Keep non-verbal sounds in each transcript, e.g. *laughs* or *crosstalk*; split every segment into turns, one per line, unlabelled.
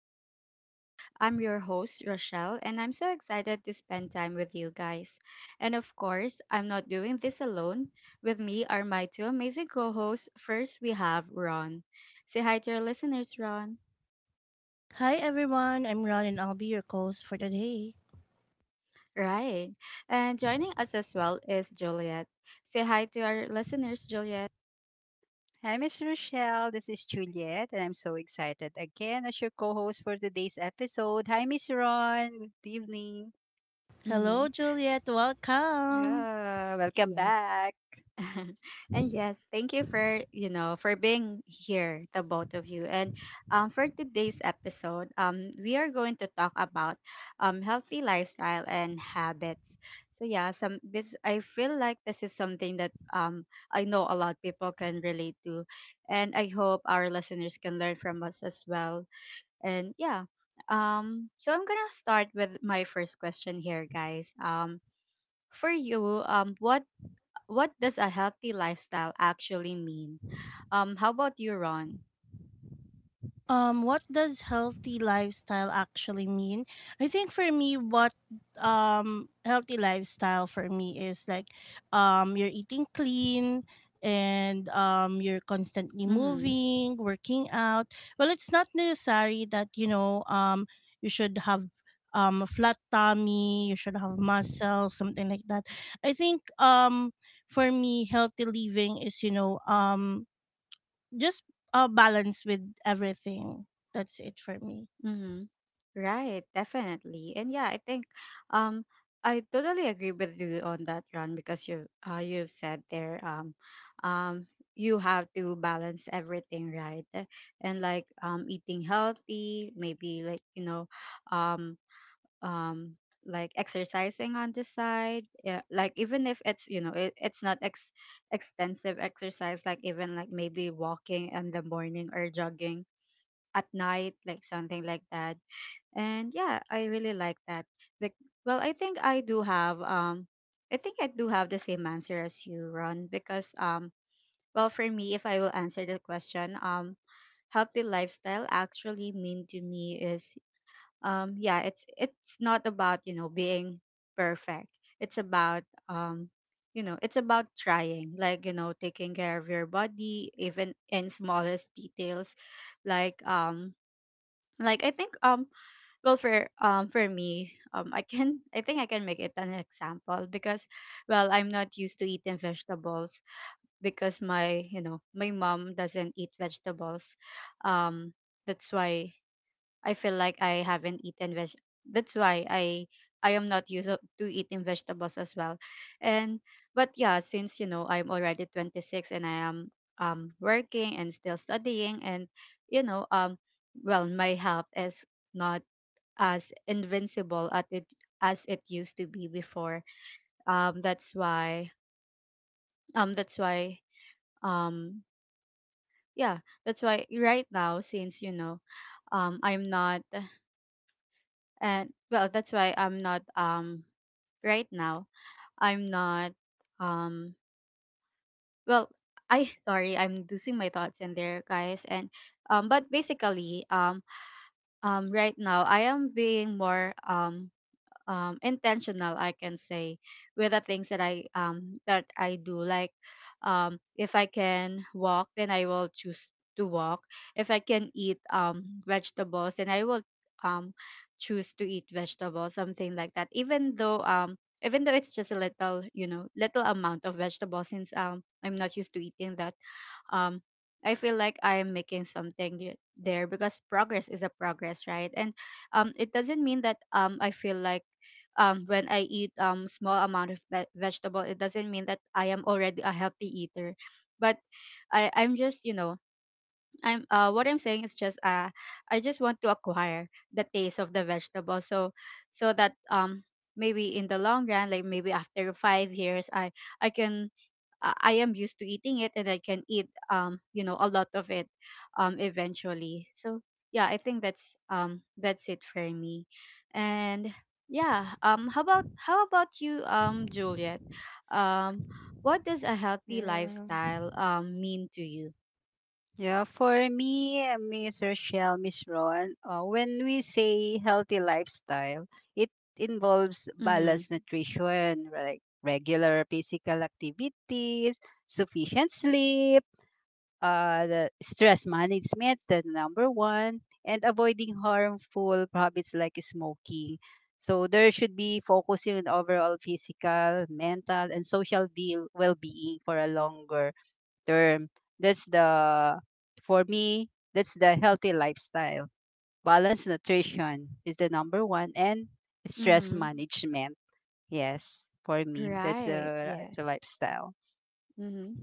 our talks. I'm your host, Rochelle, and I'm so excited to spend time with you guys. And of course, I'm not doing this alone. With me are my two amazing co hosts. First, we have Ron. Say hi to your listeners, Ron.
Hi everyone, I'm Ron and I'll be your host for today.
Right. And joining us as well is Juliet. Say hi to our listeners, Juliet.
Hi, Miss Rochelle. This is Juliet, and I'm so excited again as your co-host for today's episode. Hi, Miss Ron. Good evening.
Hmm.
Hello Juliet, welcome!
Yeah, welcome
Yes.
back.
*laughs* and yes, thank you for for being here, the both of you. And for today's episode, we are going to talk about healthy lifestyle and habits. So yeah, some this I feel like this is something that I know a lot of people can relate to, and I hope our listeners can learn from us as well. And yeah, so I'm gonna start with my first question here, guys. For you, what does a healthy lifestyle actually mean? How about you, Ron?
What does healthy lifestyle actually mean? I think for me, what healthy lifestyle for me is like you're eating clean and you're constantly
Mm-hmm.
moving, working out. Well, it's not necessary that you should have a flat tummy, you should have muscles, something like that. I think for me, healthy living is just balance with everything. That's it for me.
Mm-hmm. Right, definitely. And yeah, I think um I totally agree with you on that, Ron, because you've said there um you have to balance everything, right? And like eating healthy, maybe like, um um like exercising on the side, yeah, like even if it's you know it, it's not extensive exercise, like even like maybe walking in the morning or jogging at night, like something like that. And yeah, I really like that. Well, I think I do have I think I do have the same answer as you, Ron, because well, for me, if I will answer the question, healthy lifestyle actually mean to me is yeah, it's not about being perfect. It's about you know, it's about trying, like taking care of your body even in smallest details, like um like I think well, for me, I can, I think I can make it an example because, well, I'm not used to eating vegetables because my you know my mom doesn't eat vegetables. um that's why I feel like I haven't eaten veg. That's why I am not used up to eating vegetables as well. And but yeah, since I'm already 26 and I am working and still studying, and you know um well, my health is not as invincible at it as it used to be before. Um that's why that's why um yeah, that's why right now, since I'm not, and well, that's why I'm not right now I'm not um well, I *laughs* sorry, I'm losing my thoughts in there, guys. And but basically, right now I am being more intentional, I can say, with the things that I that I do, like if I can walk, then I will choose to walk. If I can eat vegetables, then I will, um, choose to eat vegetables, something like that. Even though even though it's just a little, little amount of vegetables, since I'm not used to eating that. um I feel like I am making something there, because progress is a progress, right? And it doesn't mean that, I feel like, when I eat small amount of vegetable, it doesn't mean that I am already a healthy eater. But I'm just, you know I'm what I'm saying is just, I just want to acquire the taste of the vegetable, so so that maybe in the long run, like maybe after 5 years, I can, I am used to eating it and I can eat a lot of it eventually. So yeah, I think that's it for me. And yeah, how about you, Juliet? Um what does a healthy
Yeah,
lifestyle mean to you?
yeah. For me, Miss Rochelle, Miss Ron. When we say healthy lifestyle, it involves
Mhm.
balanced nutrition, like regular physical activities, sufficient sleep, the stress management, the number one, and avoiding harmful habits like smoking. So there should be focusing on overall physical, mental, and social deal well-being for a longer term. That's the For me, that's the healthy lifestyle. Balanced nutrition is the number one, and stress
Mhm.
management. Yes, for me, that's
Right.
the
Yes.
lifestyle.
Mhm.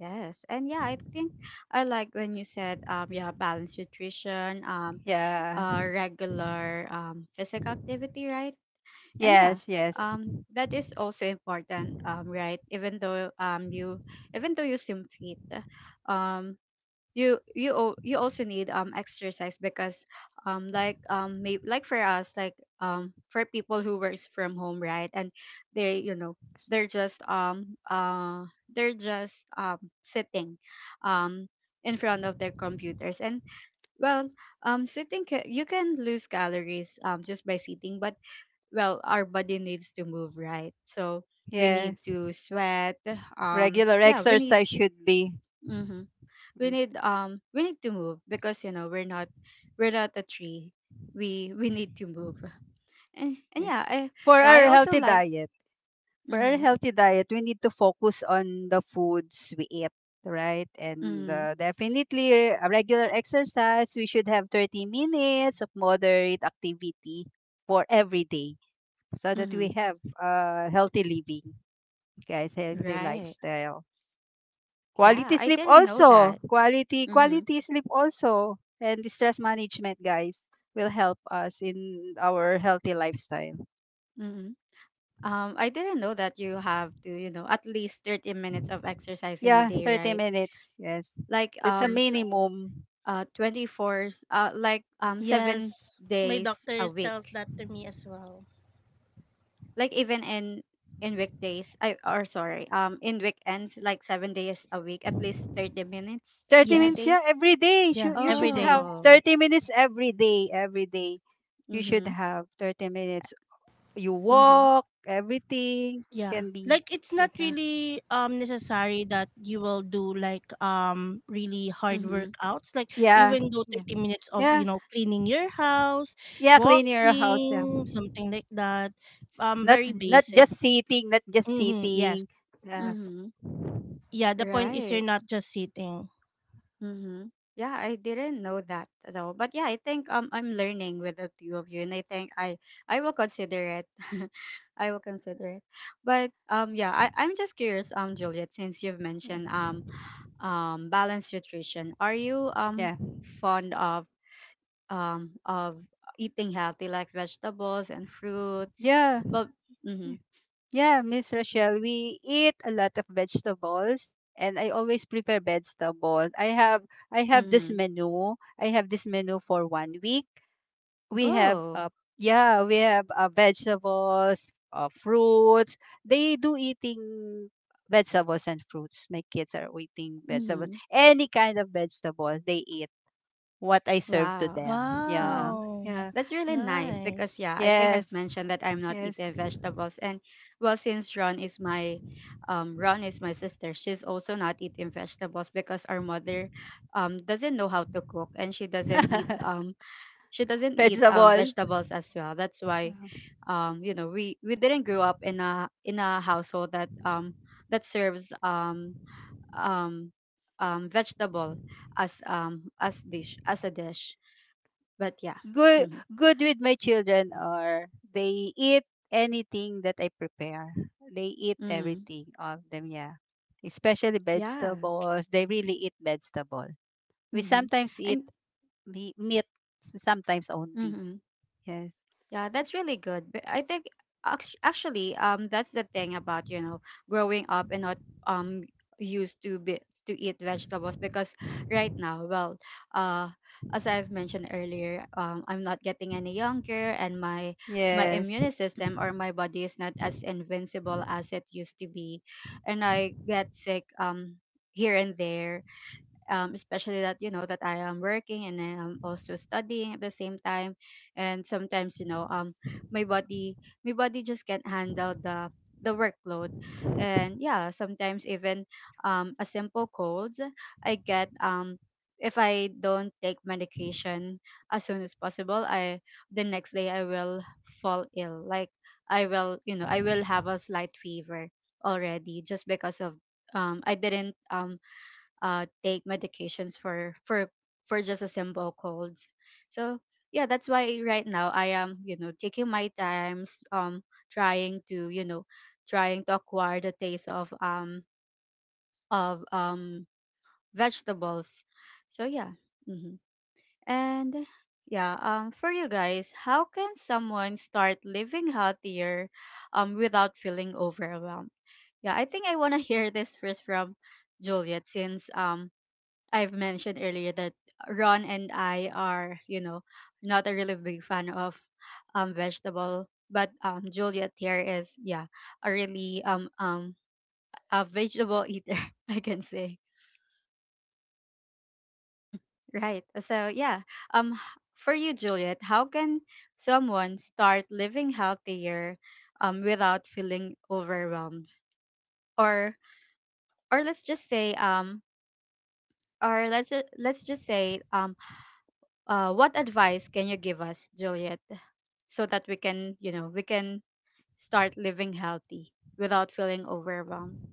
Yes. And yeah, I think I like when you said, yeah, balanced nutrition,
Yeah.
regular physical activity, right? And yeah,
Yes. Yes.
that is also important, right? Even though you even though you swim fit, um you you also need exercise, because like like for us, like for people who works from home, right? And they you know they're just um uh they're just sitting um in front of their computers, and well, you can lose calories just by sitting. But well, our body needs to move, right? So we need
Yes.
to sweat.
Regular
Yeah, we need.
exercise should be.
Hmm. We
Mm,
need, we need to move, because we're not, we're not a tree, we need to move. And
yeah.
yeah, I.
For
Yeah, I
our
also
healthy
like.
diet. For our
Mm-hmm.
healthy diet, we need to focus on the foods we eat, right? And
Mm-hmm.
definitely, a regular exercise, we should have 30 minutes of moderate activity for every day so that
Mm-hmm.
we have, healthy living, guys, healthy
Right.
lifestyle.
Yeah,
Quality
I
sleep
didn't know
also.
that.
Quality
Mm-hmm.
quality sleep also. And stress management, guys, will help us in our healthy lifestyle.
Mm-hmm. I didn't know that you have to, at least 30 minutes of exercise in a
Yeah,
day,
30
right?
minutes. Yes.
Like
That's a minimum.
24, like 7
Yes, my
days a
doctor tells
week,
that to me as well.
like even in weekdays, I, or sorry, in weekends, like 7 days a week, at least 30 minutes
30
in a
minutes,
Yes.
yeah,
day.
every day. You,
Yeah,
you
every
should have
day.
Oh.
30 minutes every day. Every day. You should
Mhm.
have 30 minutes. You
Mhm.
walk, everything
Yeah.
can be.
Like it's not really necessary that you will do like really hard
Mhm.
workouts, like
Yeah.
even though
Yeah.
30 minutes of, you
Yeah.
know, cleaning your house,
Yeah. Clean your house. Yeah.
walking, something like that. Um,
That's
very
not
basic.
just sitting, not just
Mhm. Yes.
sitting. Uh,
Mhm.
Yeah, the point is you're
Right.
not just sitting.
Mm-hmm. Yeah, I didn't know that though. But yeah, I think I'm learning with the two of you, and I think I will consider it. *laughs* I will consider it. But yeah, I'm just curious, Juliet, since you've
yeah,
mentioned balanced nutrition, are you
yeah,
fond of um of eating healthy, like vegetables and fruits?
yeah, yeah,
Well. Mm-hmm.
yeah, Miss Rochelle. We eat a lot of vegetables, and I always prepare vegetables. I have this
Mm-hmm.
menu. I have this menu for one week. We have,
Oh.
yeah, we have, vegetables, fruits. They do eating vegetables and fruits. My kids are eating vegetables,
Mm-hmm.
any kind of vegetables they eat what I serve to
Wow.
them. Yeah.
Mm-hmm.
Wow,
Yeah.
That's
it's
really nice because
nice.
yeah, I think I've
Yes.
mentioned that I'm not
Yes.
eating vegetables, and well, since Ron is my sister, she's also not eating vegetables because our mother doesn't know how to cook, and
*laughs*
she doesn't eat
Vegetable.
vegetables as well. That's why
Yeah.
you know, we didn't grow up in a household that that serves um vegetable as dish as a dish. But yeah.
Good
Mhm.
good, with my children are, they eat anything that I prepare. They eat
Mhm.
everything, all of them, yeah. Especially
Yeah.
vegetables. They really eat vegetable. We
Mm-hmm.
sometimes eat
And
meat sometimes only.
mm-hmm.
Yes.
Yeah, that's really good. But I think, actually, that's the thing about, growing up and not um used to be to eat vegetables, because right now, well, uh, as I've mentioned earlier, I'm not getting any younger, and my
Yes.
immune system or my body is not as invincible as it used to be, and I get sick, here and there, especially that, that I am working and I am also studying at the same time. And sometimes, my body, my body just can't handle the workload. And yeah, sometimes even a simple cold I get, if I don't take medication as soon as possible, I the next day I will fall ill, like I will, I will have a slight fever already, just because of, I didn't take medications for just a simple cold. So yeah, that's why right now I am, taking my times, trying to, trying to acquire the taste of of um vegetables. So yeah. Hmm. And yeah, for you guys, how can someone start living healthier, without feeling overwhelmed? Yeah, I think I wanna *laughs* hear this first from Juliet, since I've mentioned earlier that Ron and I are, you know, not a really big fan of vegetable, but Juliet here is, yeah, a really a vegetable eater, *laughs* I can say. Right. So yeah, um h- for you Juliet, how can someone start living healthier without feeling overwhelmed? Or or let's just say um let's just say, um, uh, what advice can you give us, Juliet, so that we can, you know, we can start living healthy without feeling overwhelmed?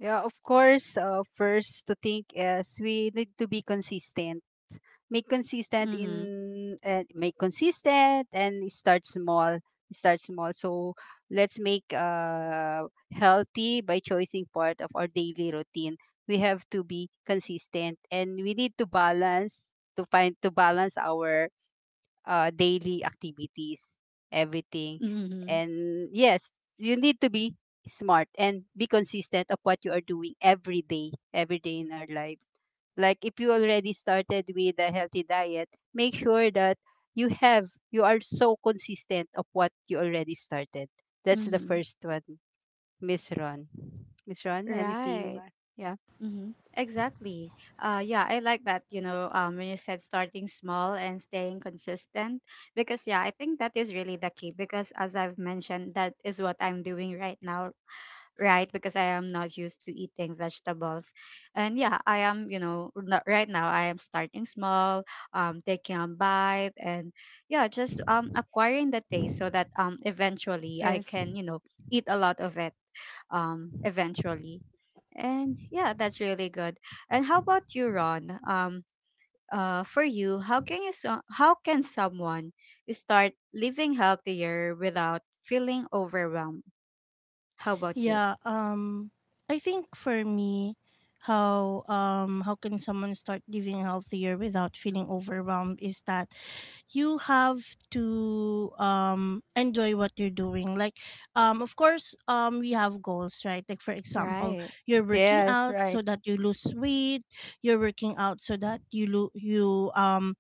Yeah, of course, first to think is we need to be consistent,
Mm-hmm.
make consistent and start small. So let's make healthy by choosing part of our daily routine. We have to be consistent and we need to balance, to balance our, daily activities, everything.
Mm-hmm.
And yes, you need to be smart and be consistent of what you are doing every day in our lives. Like, if you already started with a healthy diet, make sure that, you are so consistent of what you already started. That's the
Mm-hmm.
first one, Miss Ron. Miss Ron, anything?
Right.
Yeah.
Mm-hmm. Exactly. Yeah, I like that. You know, when you said starting small and staying consistent, because yeah, I think that is really the key. Because as I've mentioned, that is what I'm doing right now, right? Because I am not used to eating vegetables. And yeah, I am, you know, not, right now I am starting small, taking a bite, and yeah, just, um, acquiring the taste, so that, um, eventually I
Yes.
can, you know, eat a lot of it, um, eventually. And yeah, that's really good. And how about you, Ron? For you, how can how can someone start living healthier without feeling overwhelmed? How about you?
Yeah, I think for me how can someone start living healthier without feeling overwhelmed is that you have to enjoy what you're doing. Like, of course we have goals, right? Like for example,
Right.
you're working
Yes.
out so
Right.
that you lose weight, you're working out so that you lo- you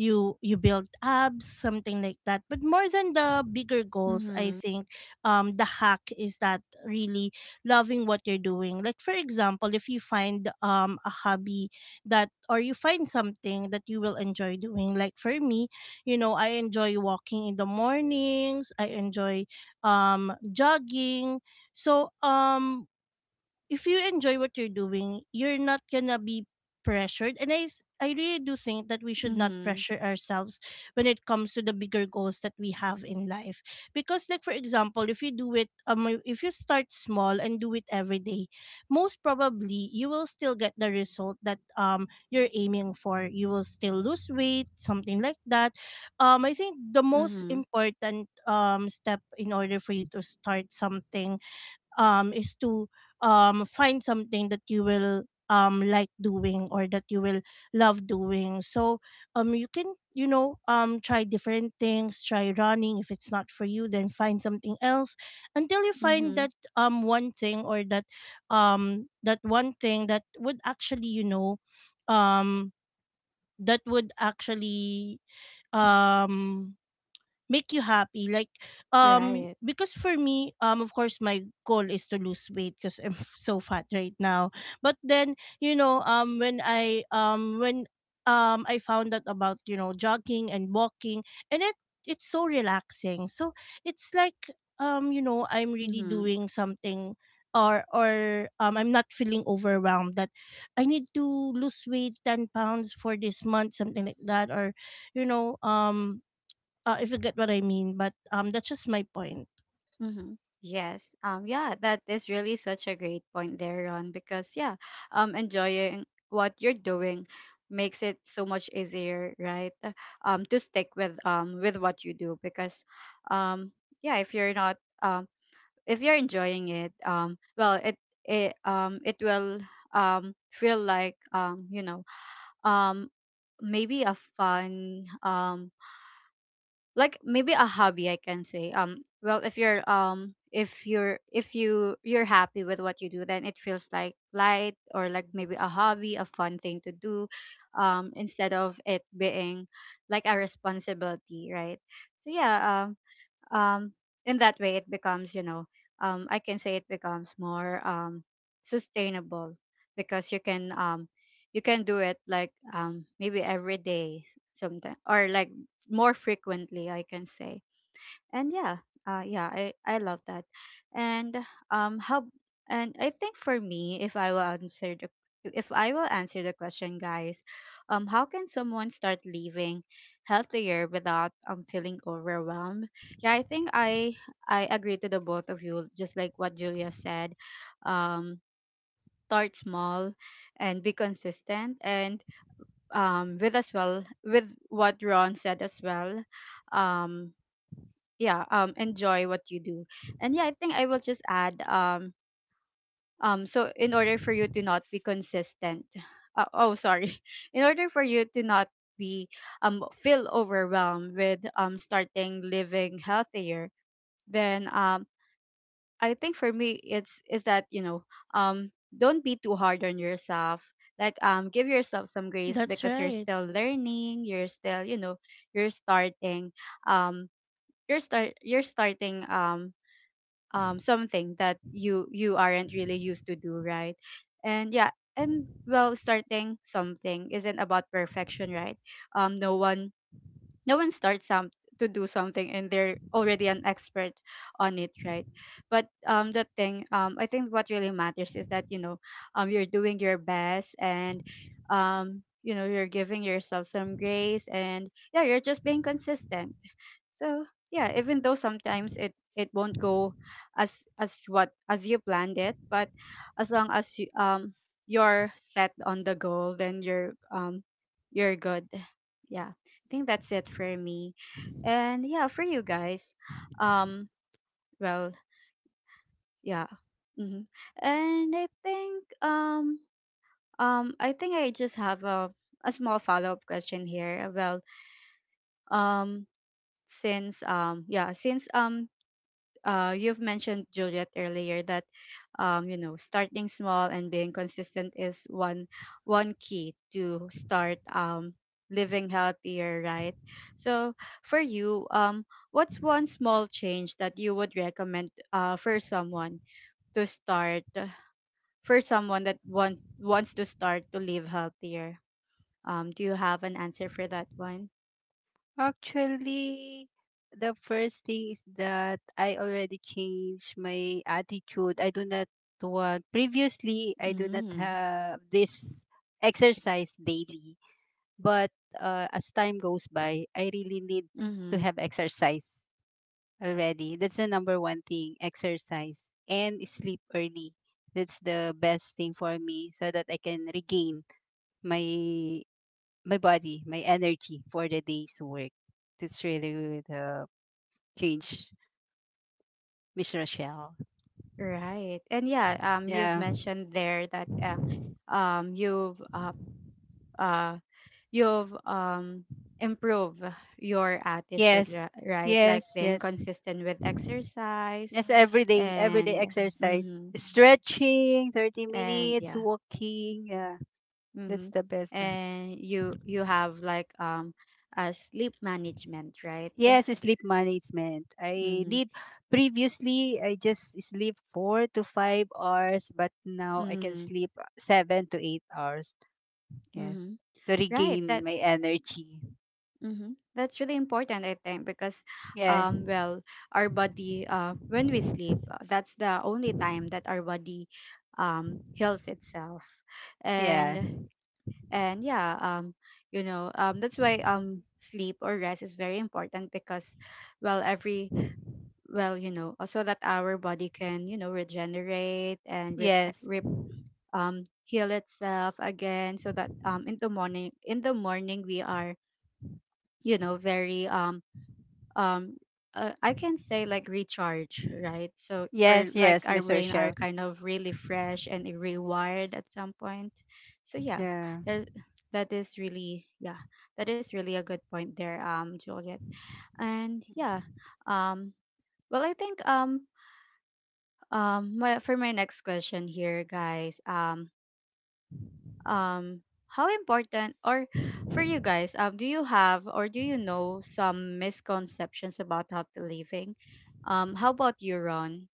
you you build abs, something like that. But more than the bigger goals, I
Mm-hmm.
think the hack is that really loving what you're doing. Like for example, if you find a hobby that, or you find something that you will enjoy doing. Like for me, you know, I enjoy walking in the mornings, I enjoy jogging. So if you enjoy what you're doing, you're not gonna be pressured. And I really do think that we should not
Mhm.
pressure ourselves when it comes to the bigger goals that we have in life. Because like for example, if you start small and do it every day, most probably you will still get the result that you're aiming for. You will still lose weight, something like that. Um, I think the most
Mhm.
important step in order for you to start something is to find something that you will like doing, or that you will love doing. So you can, you know, try different things, try running. If it's not for you, then find something else until you find
Mhm.
that one thing, or that that one thing that would actually, you know, um that would actually um make you happy.
Right.
Because for me, of course my goal is to lose weight because I'm *laughs* so fat right now. But then, you know, when I when I found out about, you know, jogging and walking, and it, it's so relaxing. So it's like, you know, I'm really
Mhm.
doing something, or I'm not feeling overwhelmed that I need to lose weight 10 pounds for this month, something like that, or you know um if you get what I mean. But that's just my point.
Mhm. Yes. Um, yeah, that is really such a great point there, Ron, because yeah, enjoying what you're doing makes it so much easier, right? To stick with what you do because um yeah, if you're not um if you're enjoying it, well it will feel like um maybe a fun like maybe a hobby I can say. Well, if you're if you're if you you're happy with what you do, then it feels like light or like maybe a hobby, a fun thing to do instead of it being like a responsibility, right? So yeah, um in that way it becomes, you know, I can say it becomes more sustainable because you can do it like maybe every day sometimes, or like more frequently, I can say. And yeah, yeah, I love that. And how and I think for me, if I will answer the if I will answer the question guys, how can someone start living healthier without feeling overwhelmed? Yeah, I think I agree to the both of you. Just like what Julia said, um start small and be consistent, and with, as well, with what Ron said as well. um yeah, enjoy what you do. And yeah, I think I will just add, so in order for you to not be consistent, oh, sorry, *laughs* in order for you to not be feel overwhelmed with starting living healthier, then I think for me it's is that, you know, um don't be too hard on yourself. Like, give yourself some grace
That's
because you're
right.
still learning, you're still, you know, you're starting, um you're start you're starting something that you aren't really used to do, right? And yeah, and well, starting something isn't about perfection, right? No one, no one starts some to do something and they're already an expert on it, right? But the thing, I think what really matters is that, you know, you're doing your best, and you know, you're giving yourself some grace, and yeah, you're just being consistent. So yeah, even though sometimes it it won't go as what as you planned it, but as long as you you're set on the goal, then you're good. Yeah, I think that's it for me, and yeah, for you guys, um, well, yeah, mm-hmm. And I think I think I just have a small follow up question here. Well, um since you've mentioned Juliet earlier that, you know, starting small and being consistent is one one key to start, living healthier, right? So for you, what's one small change that you would recommend, for someone to start, for someone that want, wants to start to live healthier? Do you have an answer for that one?
Actually, the first thing is that I already changed my attitude. I do not want, previously, I do not
Mm.
have this exercise daily. But, as time goes by, I really need to
Mm-hmm.
have exercise already. That's the number one thing, exercise and sleep early. That's the best thing for me so that I can regain my my body, my energy for the day's work. That's really the change, Miss Rochelle.
Right. And yeah, you've
Yeah.
mentioned there that um, you've um, uh, you've improved your attitude,
Yes.
ri- right?
Yes.
Like being
Yes.
consistent with exercise,
Yes. Every day. Every day
and
exercise.
mm-hmm,
Stretching, 30
and
minutes,
yeah,
walking. Yeah. That's
mm-hmm.
the best.
And you have like a sleep management, right?
Yes, sleep management. I
Mm-hmm.
need, previously I just sleep 4 to 5 hours, but now I can
Mm-hmm.
sleep 7 to 8 hours. Yes.
Mm-hmm.
To
Right.
regain
That,
my energy.
mm-hmm, that's really important, I think, because,
Yeah.
well, our body, when we sleep, that's the only time that our body, heals itself,
Yeah.
and and yeah, that's why sleep or rest is very important because, well, every, well, you know, so that our body can, you know, regenerate and rep,
Yes.
rep heal itself again, so that in the morning we are, you know, very um I can say, like, recharge, right? So, or
Yes,
like
yes,
our
Miss
brain are
Rochelle.
kind of really fresh and rewired at some point. So yeah,
Yeah.
that that is really, yeah, that is really a good point there, Juliet. And yeah, um well, I think my, for my next question here, guys, um how important or, for you guys, do you have, or do you know some misconceptions about healthy living? How about you, Ron?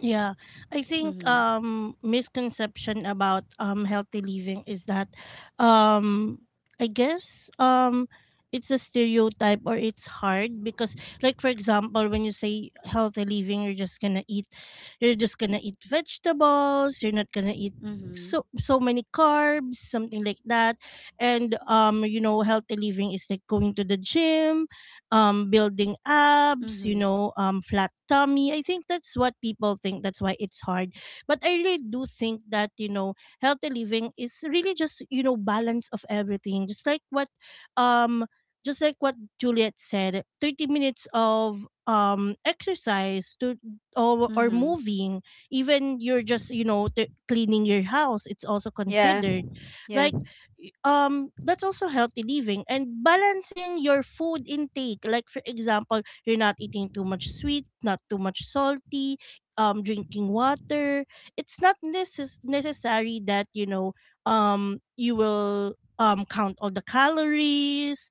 Yeah, I think
Mm-hmm.
misconception about healthy living is that, um I guess, it's a stereotype, or it's hard because, like for example, when you say healthy living, you're just going to eat vegetables, you're not going to eat
Mm-hmm.
so so many carbs, something like that. And, you know, healthy living is like going to the gym, building abs, you
Mm-hmm.
know, flat tummy. I think that's what people think. That's why it's hard. But I really do think that, you know, healthy living is really just, you know, balance of everything. Um just like what Juliet said, 30 minutes of exercise to, or
Mm-hmm.
moving, even you're just, you know, cleaning your house. It's also
Yeah.
considered.
Yeah.
Like, that's also healthy living, and balancing your food intake. Like for example, you're not eating too much sweet, not too much salty, drinking water. It's not necess- necessary that, you know, you will count all the calories,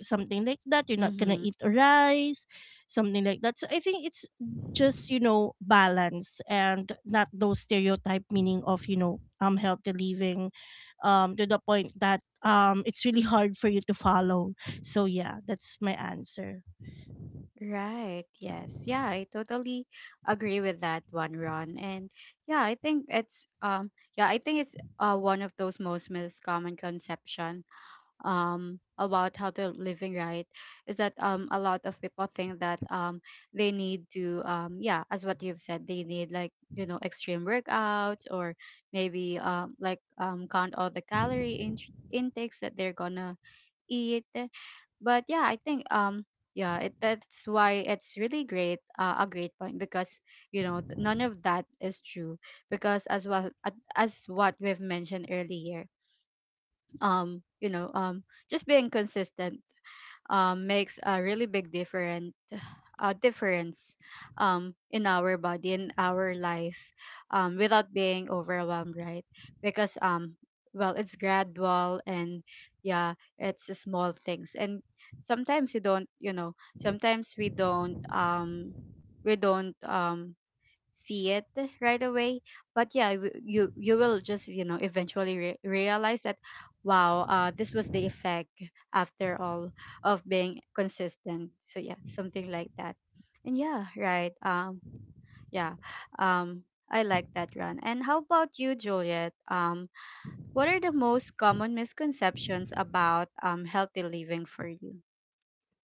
something like that. You're not gonna
Mm-hmm.
eat rice, something like that. So I think it's just, you know, balance, and not those stereotype meaning of, you know, healthy living, to the point that it's really hard for you to follow. So yeah, that's my answer.
Right, yes, yeah, I totally agree with that one, Ron. And yeah, I think it's yeah, I think it's one of those most miscommon conceptions about how they're living, right? Is that a lot of people think that they need to, yeah, as what you've said, they need like, you know, extreme workouts, or maybe count all the calorie in- intakes that they're gonna eat. But yeah, I think yeah, it, that's why it's really great, a great point, because you know th- none of that is true because, as well, as what we've mentioned earlier, um you know um just being consistent makes a really big different, difference, in our body, in our life, without being overwhelmed, right? Because well, it's gradual, and yeah, it's small things, and sometimes you don't, you know, sometimes we don't we don't um see it right away. But yeah, you will just, you know, eventually re- realize that, wow, this was the effect after all of being consistent. So yeah, something like that. And yeah, right, yeah, um I like that, Run. And how about you, Juliet? What are the most common misconceptions about healthy living for you?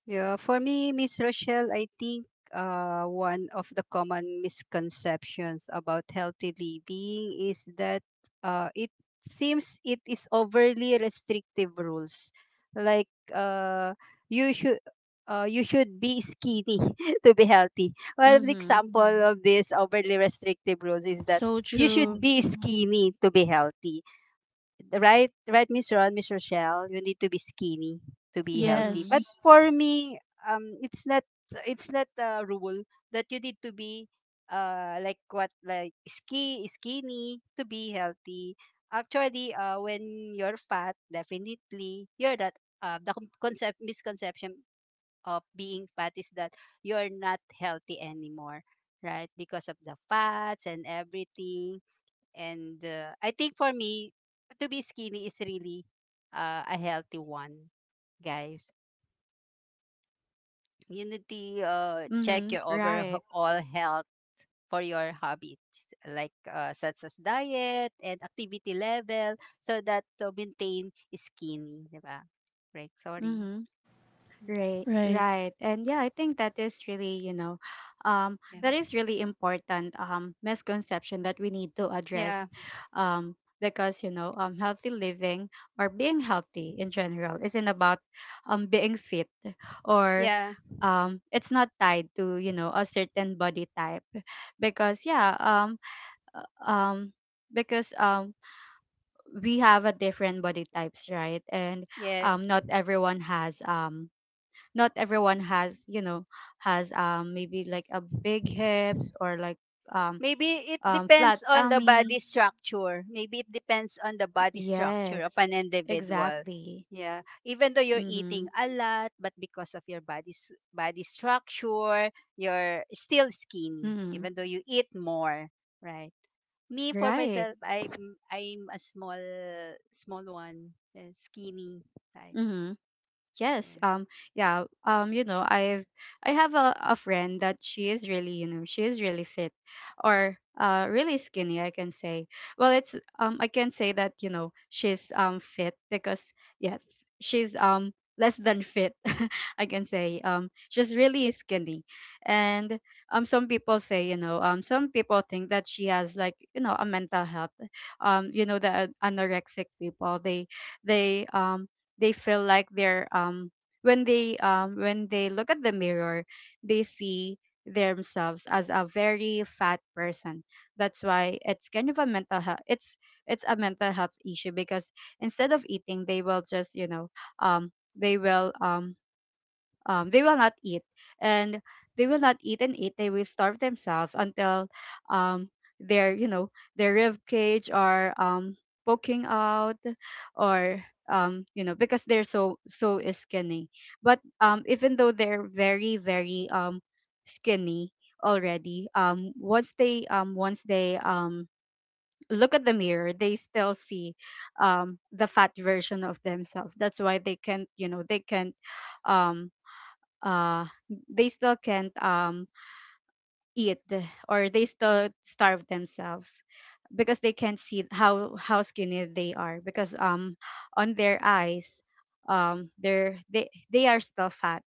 Yeah. For me, Miss Rochelle, I think, one of the common misconceptions about healthy living is that, it seems it is overly restrictive rules. Like, you should you should be skinny *laughs* to be healthy. One
Mhm.
example, mm-hmm, of this overly restrictive rules is that
So
you should
true.
be skinny to be healthy, right? Right, Miss Ron, Miss Rochelle, you need to be skinny to be healthy.
Mhm.
But
Yes.
for me, um it's not it's not a rule that you need to be, like what, like skinny to be healthy. Actually, when you're fat, definitely you're that, the concept misconception of being fat is that you're not healthy anymore, right? Because of the fats and everything. And, I think for me, to be skinny is really, a healthy one, guys. You need to, check
Mhm.
your
Right.
overall health for your hobbies, like, such as diet and activity level, so that to maintain skinny, diba? Right, sorry.
Mhm. Right,
Right.
right. And yeah, I think that is really, you know,
Yeah.
that
Mm.
is really important misconception that we need to
Yeah.
address,
Yeah.
because, you know, healthy living or being healthy in general isn't about being fit, or
Yeah.
it's not tied to, you know, a certain body type, because, yeah, uh, um, because we have a different body types, right? And
Yes.
not everyone has. Not everyone has, you know, has maybe like a big hips, or like um
Maybe it
flat
depends on the
tummy.
body structure. Maybe it depends on the body structure of
Yes,
an individual.
exactly.
Yeah, even though you're eating
Mhm.
a lot, but because of your body's body structure, you're still skinny.
Mhm.
Even though you eat more, right? Me for
Right.
myself, I'm a small one, skinny type.
Mhm. Yes.
Yeah,
Yeah. You know, I've, I have a friend that she is really, you know, she is really fit, or really skinny, I can say. Well, it's. I can say that, you know, she's fit because, yes, she's less than fit. *laughs* I can say she's really skinny, and some people say, you know, some people think that she has like, you know, a mental health. You know, the anorexic people, they um they feel like they're when they look at the mirror, they see themselves as a very fat person. That's why it's kind of a mental health, it's a mental health issue, because instead of eating, they will just, you know, um they will um they will not eat, and they will not eat and eat, they will starve themselves until, um, their, you know, their rib cage are poking out, or you know, because they're so so skinny. But even though they're very very skinny already, once they look at the mirror, they still see the fat version of themselves. That's why they can't, you know, they can't um, uh they still can't eat, or they still starve themselves because they can't see how skinny they are, because on their eyes, they're they are still fat.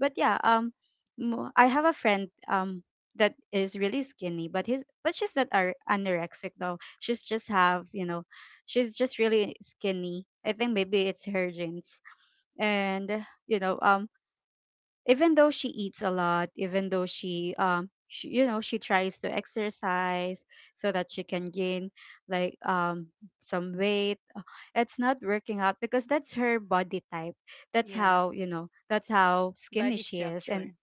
But yeah, mo- I have a friend that is really skinny, but his but she's not ar- anorexic though, she's just have, you know, she's just really skinny, I think maybe it's her genes. And you know, even though she eats a lot, even though she, you know, she tries to exercise so that she can gain like some weight, it's not working out because that's her body type. That's
yeah,
how, you know, that's how skinny
body
she is. And
structure.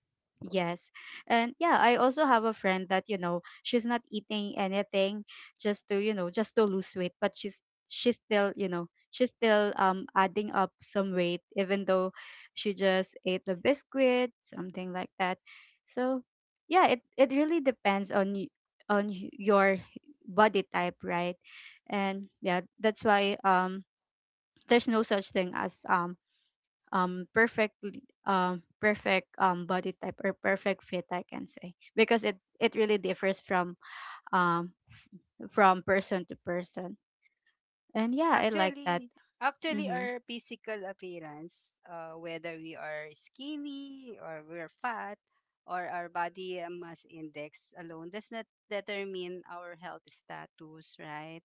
Yes.
yes, and yeah, I also have a friend that, you know, she's not eating anything just to, you know, just to lose weight, but she's still, you know, she's still adding up some weight even though she just ate the biscuit, something like that. So, yeah, it really depends on y- your body type, right? And yeah, that's why there's no such thing as perfect perfect body type or perfect fit, I can say, because it really differs from f- from person to person. And yeah, I like that.
Actually, actually,
Mhm.
our physical appearance, whether we are skinny or we're fat or our body mass index alone does not determine our health status, right?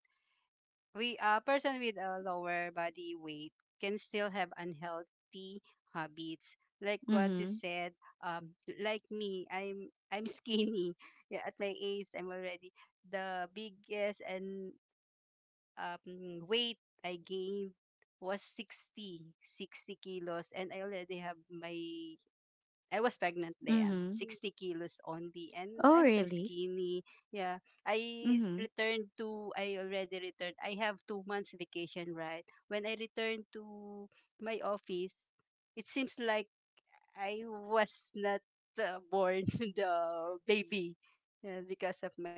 We A person with a lower body weight can still have unhealthy habits. Like what you
Mhm.
said, like me, I'm skinny. *laughs* Yeah, at my age, I'm already the biggest, and, weight I gained was sixty kilos. And I already have my, I was pregnant then,
Mhm.
60 kilos only. And
Oh,
I'm so
really?
skinny. Yeah.
Mhm.
I already returned. I have 2 months vacation, right? When I returned to my office, it seems like I was not, born *laughs* the baby, because of my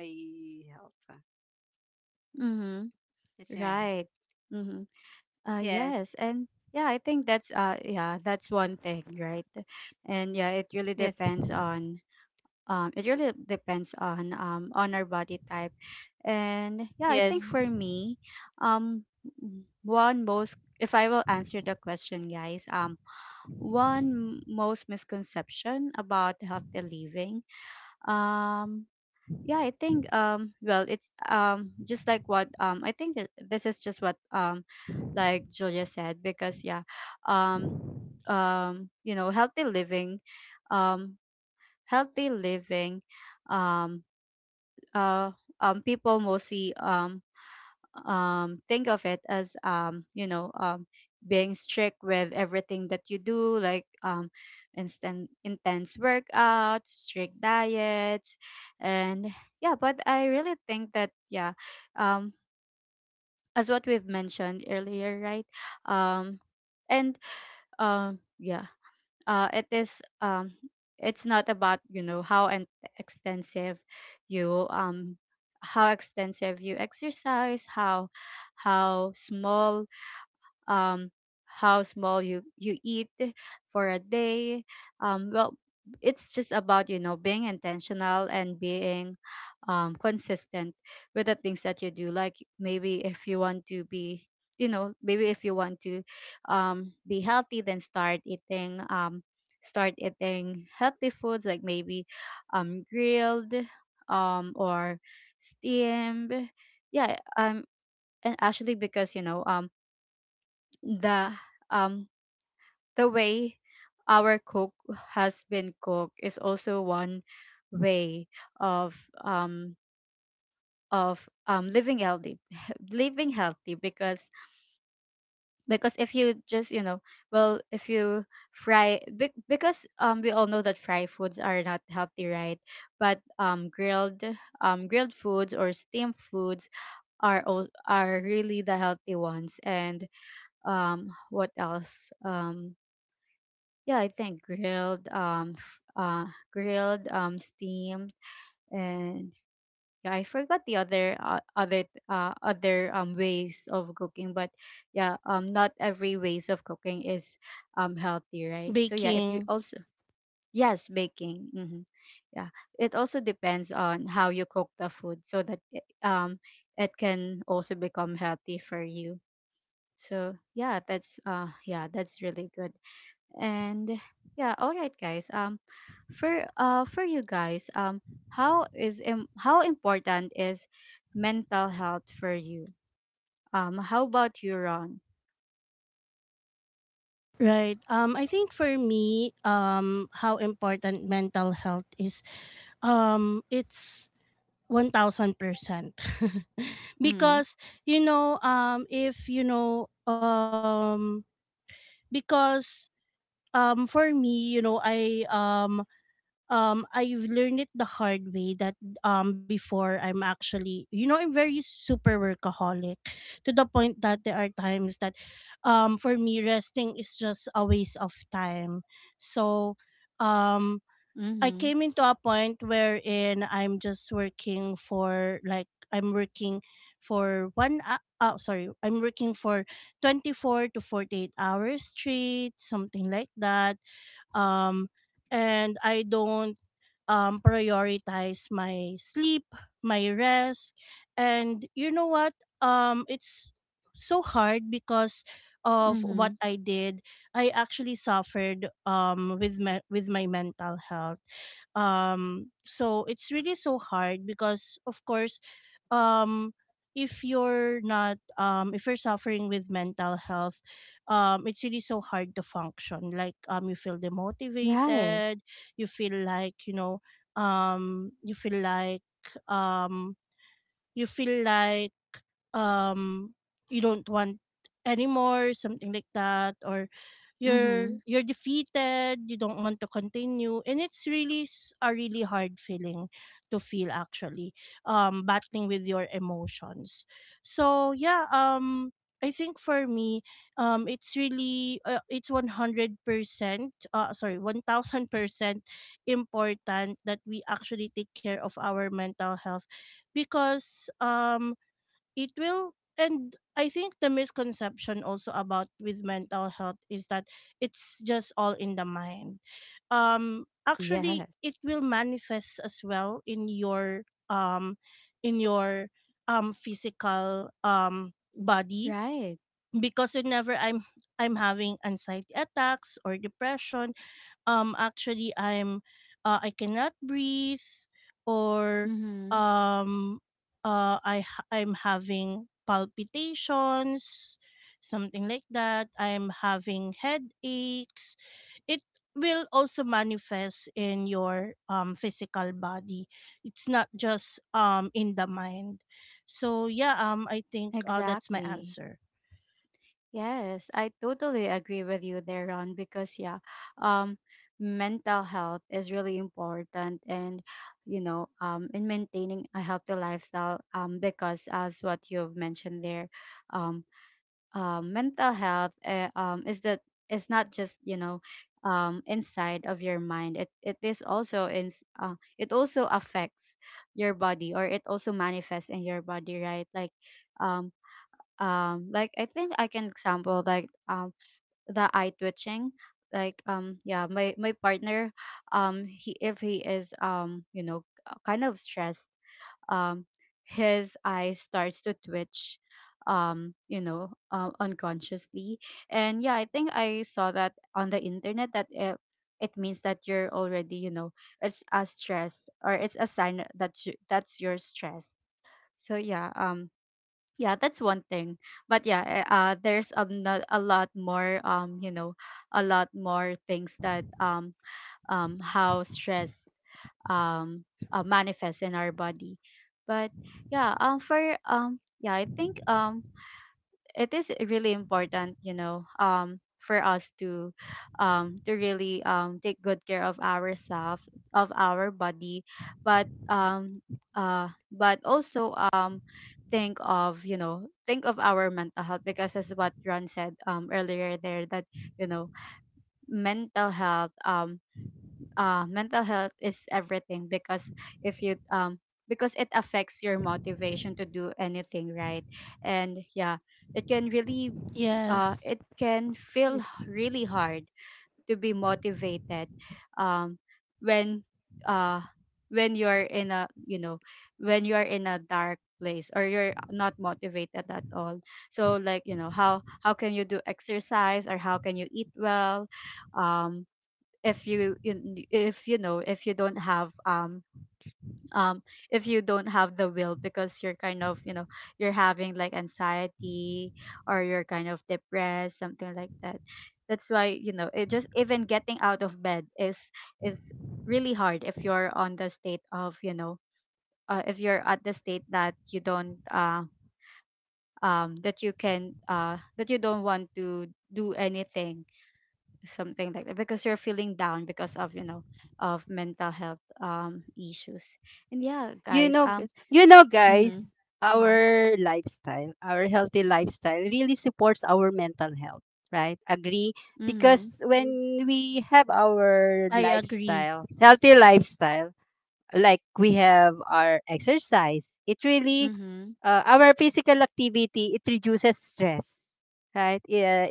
health, huh?
Mhm.
That's,
Right. Mm-hmm.
yes,
Yes, and yeah, I think that's yeah, that's one thing, right? And yeah, it really
yes,
depends on it really depends on on our body type, and yeah, I
yes.
think for me, um, one most if I will answer the question, guys, one most misconception about healthy living, um, yeah, I think it's just like what I think that this is just what like Julia said because um you know, healthy living, um healthy living, um uh people mostly think of it as being strict with everything that you do, like instant intense workouts, strict diets, and yeah, but I really think that um, as what we've mentioned earlier, right? um, and yeah It is it's not about, you know, how and extensive you how extensive you exercise, how how small um, how small you eat for a day. Um, well, it's just about, you know, being intentional and being consistent with the things that you do. Like, maybe if you want to be, you know, maybe if you want to be healthy, then start eating, start eating healthy foods, like maybe grilled, or steamed. yeah um and actually, because, you know, the um the way our cook has been cooked is also one way of um living healthy *laughs* living healthy, because if you just, you know, if you fry, because we all know that fried foods are not healthy, right? But grilled, grilled foods or steamed foods are are really the healthy ones. And what else yeah, I think grilled, grilled, steamed, and yeah, I forgot the other, ways of cooking. But yeah, not every ways of cooking is healthy, right? So yeah, it
Baking.
also, yes, baking. Mm-hmm. Yeah, it also depends on how you cook the food, so that it, it can also become healthy for you. So yeah, that's really good. And yeah, all right, guys. For for you guys, how is how important is mental health for you? How about you, Ron?
Right. Um, I think for me how important mental health is, it's 1,000%. *laughs*
Mm-hmm.
Because, you know, if, you know, because, for me, you know, I've learned it the hard way that, before, I'm actually, you know, I'm very super workaholic to the point that there are times that, for me, resting is just a waste of time. So, um, I
Mm-hmm.
came into a point wherein I'm just working for like I'm working for one hou- oh sorry I'm working for 24 to 48 hours straight, something like that. um, and I don't, prioritize my sleep, my rest. And you know what? It's so hard because of what
Mm-hmm.
I did. I actually suffered, with my mental health. So it's really so hard, because of course, um, if you're not, if you're suffering with mental health, it's really so hard to function. Like, you feel
Right.
demotivated, you feel like, you know, you feel like um you feel like um you don't want anymore, something like that. Or you're
Mm-hmm.
you're defeated, you don't want to continue. And it's really a really hard feeling to feel, actually, battling with your emotions. So yeah, I think for me, it's really uh, it's 100% uh sorry 1000% important that we actually take care of our mental health. Because it will, and I think the misconception also about with mental health is that it's just all in the mind. Um, actually
Yes.
it will manifest as well in your um in your physical body.
Right.
Because whenever I'm having anxiety attacks or depression, actually I'm, I cannot breathe, or
Mm-hmm.
um I'm having palpitations, something like that, I'm having headaches. It will also manifest in your physical body, it's not just in the mind. So yeah, I think, that's my
Exactly.
answer.
Yes, I totally agree with you there, Ron, because yeah, um, mental health is really important, and you know, in maintaining a healthy lifestyle, because as what you've mentioned there, um, mental health, is that it's not just, you know, inside of your mind. It is also in, it also affects your body, or it also manifests in your body, right? Um, like I think I can example, like, the eye twitching. Like, yeah, my partner, he, if he is, you know, kind of stressed, um his eye starts to twitch, you know, unconsciously. And yeah, I think I saw that on the internet that it means that you're already, you know, it's a stress, or it's a sign that you, that's your stress. So yeah, that's one thing. But yeah, there's a, a lot more, you know, a lot more things that how stress um, manifests in our body. But yeah, for yeah, I think it is really important, you know, for us to really take good care of ourselves, of our body, but um but also think of, you know, think of our mental health, because as what Ron said earlier there, that you know, mental health, mental health is everything. Because if you because it affects your motivation to do anything, right? And yeah, it can really
Yes,
it can feel really hard to be motivated, um when uh when you're in a, you know, when you're in a dark place, or you're not motivated at all. So, like, you know, how can you do exercise, or how can you eat well, um if you, if you know, if you don't have um if you don't have the will, because you're kind of, you know, you're having like anxiety, or you're kind of depressed, something like that. That's why, you know, it just, even getting out of bed is really hard if you're on the state of, you know, if you're at the state that you don't that you can that you don't want to do anything, something like that. Because you're feeling down because of, you know, of mental health issues. And yeah,
You
guys,
know,
mhm.
guys, our healthy lifestyle really supports our mental health, right? Agree.
Mhm.
Because when we have our
I agree.
lifestyle healthy lifestyle, like, we have our exercise. It really,
Mhm.
our physical activity, it reduces stress, right? Yeah,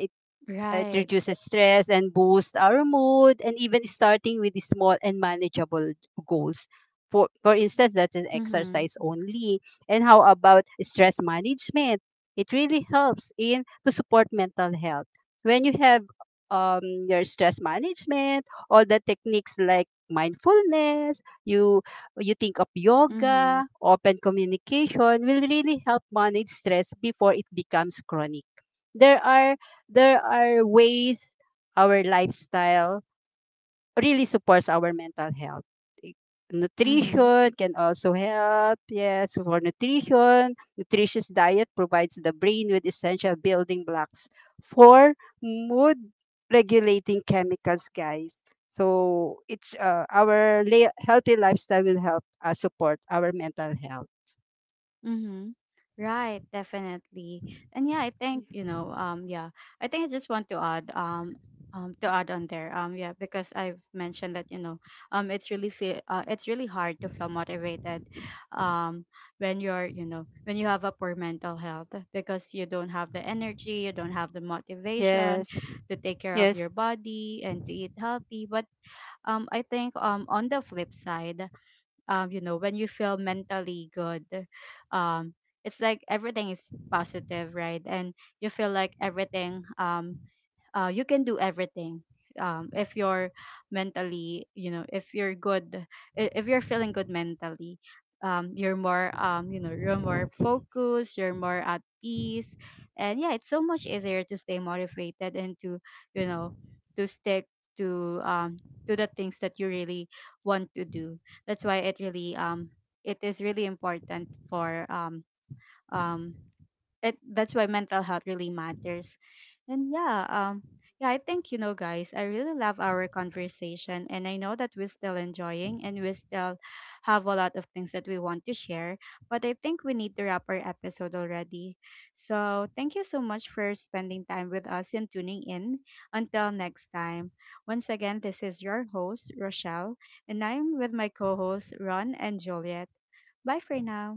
it
Right.
reduces stress and boosts our mood. And even starting with the small and manageable goals, for instance that is
Mhm.
exercise only. And how about stress management? It really helps in to support mental health. When you have, your stress management, all the techniques like mindfulness, you think of
Mhm.
yoga, open communication, will really help manage stress before it becomes chronic. there are there are ways our lifestyle really supports our mental health. Eh,
Mhm.
Nutrition can also help. Yes, for nutrition, nutritious diet provides the brain with essential building blocks for mood regulating chemicals, guys. So it's, our healthy lifestyle will help us support our mental health.
Mm-hmm. Right, definitely. And yeah, I think, you know, yeah, I think I just want to add on there. Yeah, because I've mentioned that, you know, it's really feel, it's really hard to feel motivated, um when you're, you know, when you have a poor mental health, because you don't have the energy, you don't have the motivation
Yes,
to take care of
yes.
your body and to eat healthy. But I think on the flip side, you know, when you feel mentally good, um it's like everything is positive, right? And you feel like everything, you can do everything, if you're mentally, you know, if you're good, if you're feeling good mentally, you're more, you know, you're more focused, you're more at peace, and yeah, it's so much easier to stay motivated, and to, you know, to stick to, to the things that you really want to do. That's why it really, it is really important for, um, it, that's why mental health really matters. And yeah, I think, you know, guys, I really love our conversation, and I know that we're still enjoying, and we still have a lot of things that we want to share, but I think we need to wrap our episode already. So thank you so much for spending time with us and tuning in. Until next time. Once again, this is your host, Rochelle, and I'm with my co-hosts, Ron and Juliet. Bye for now.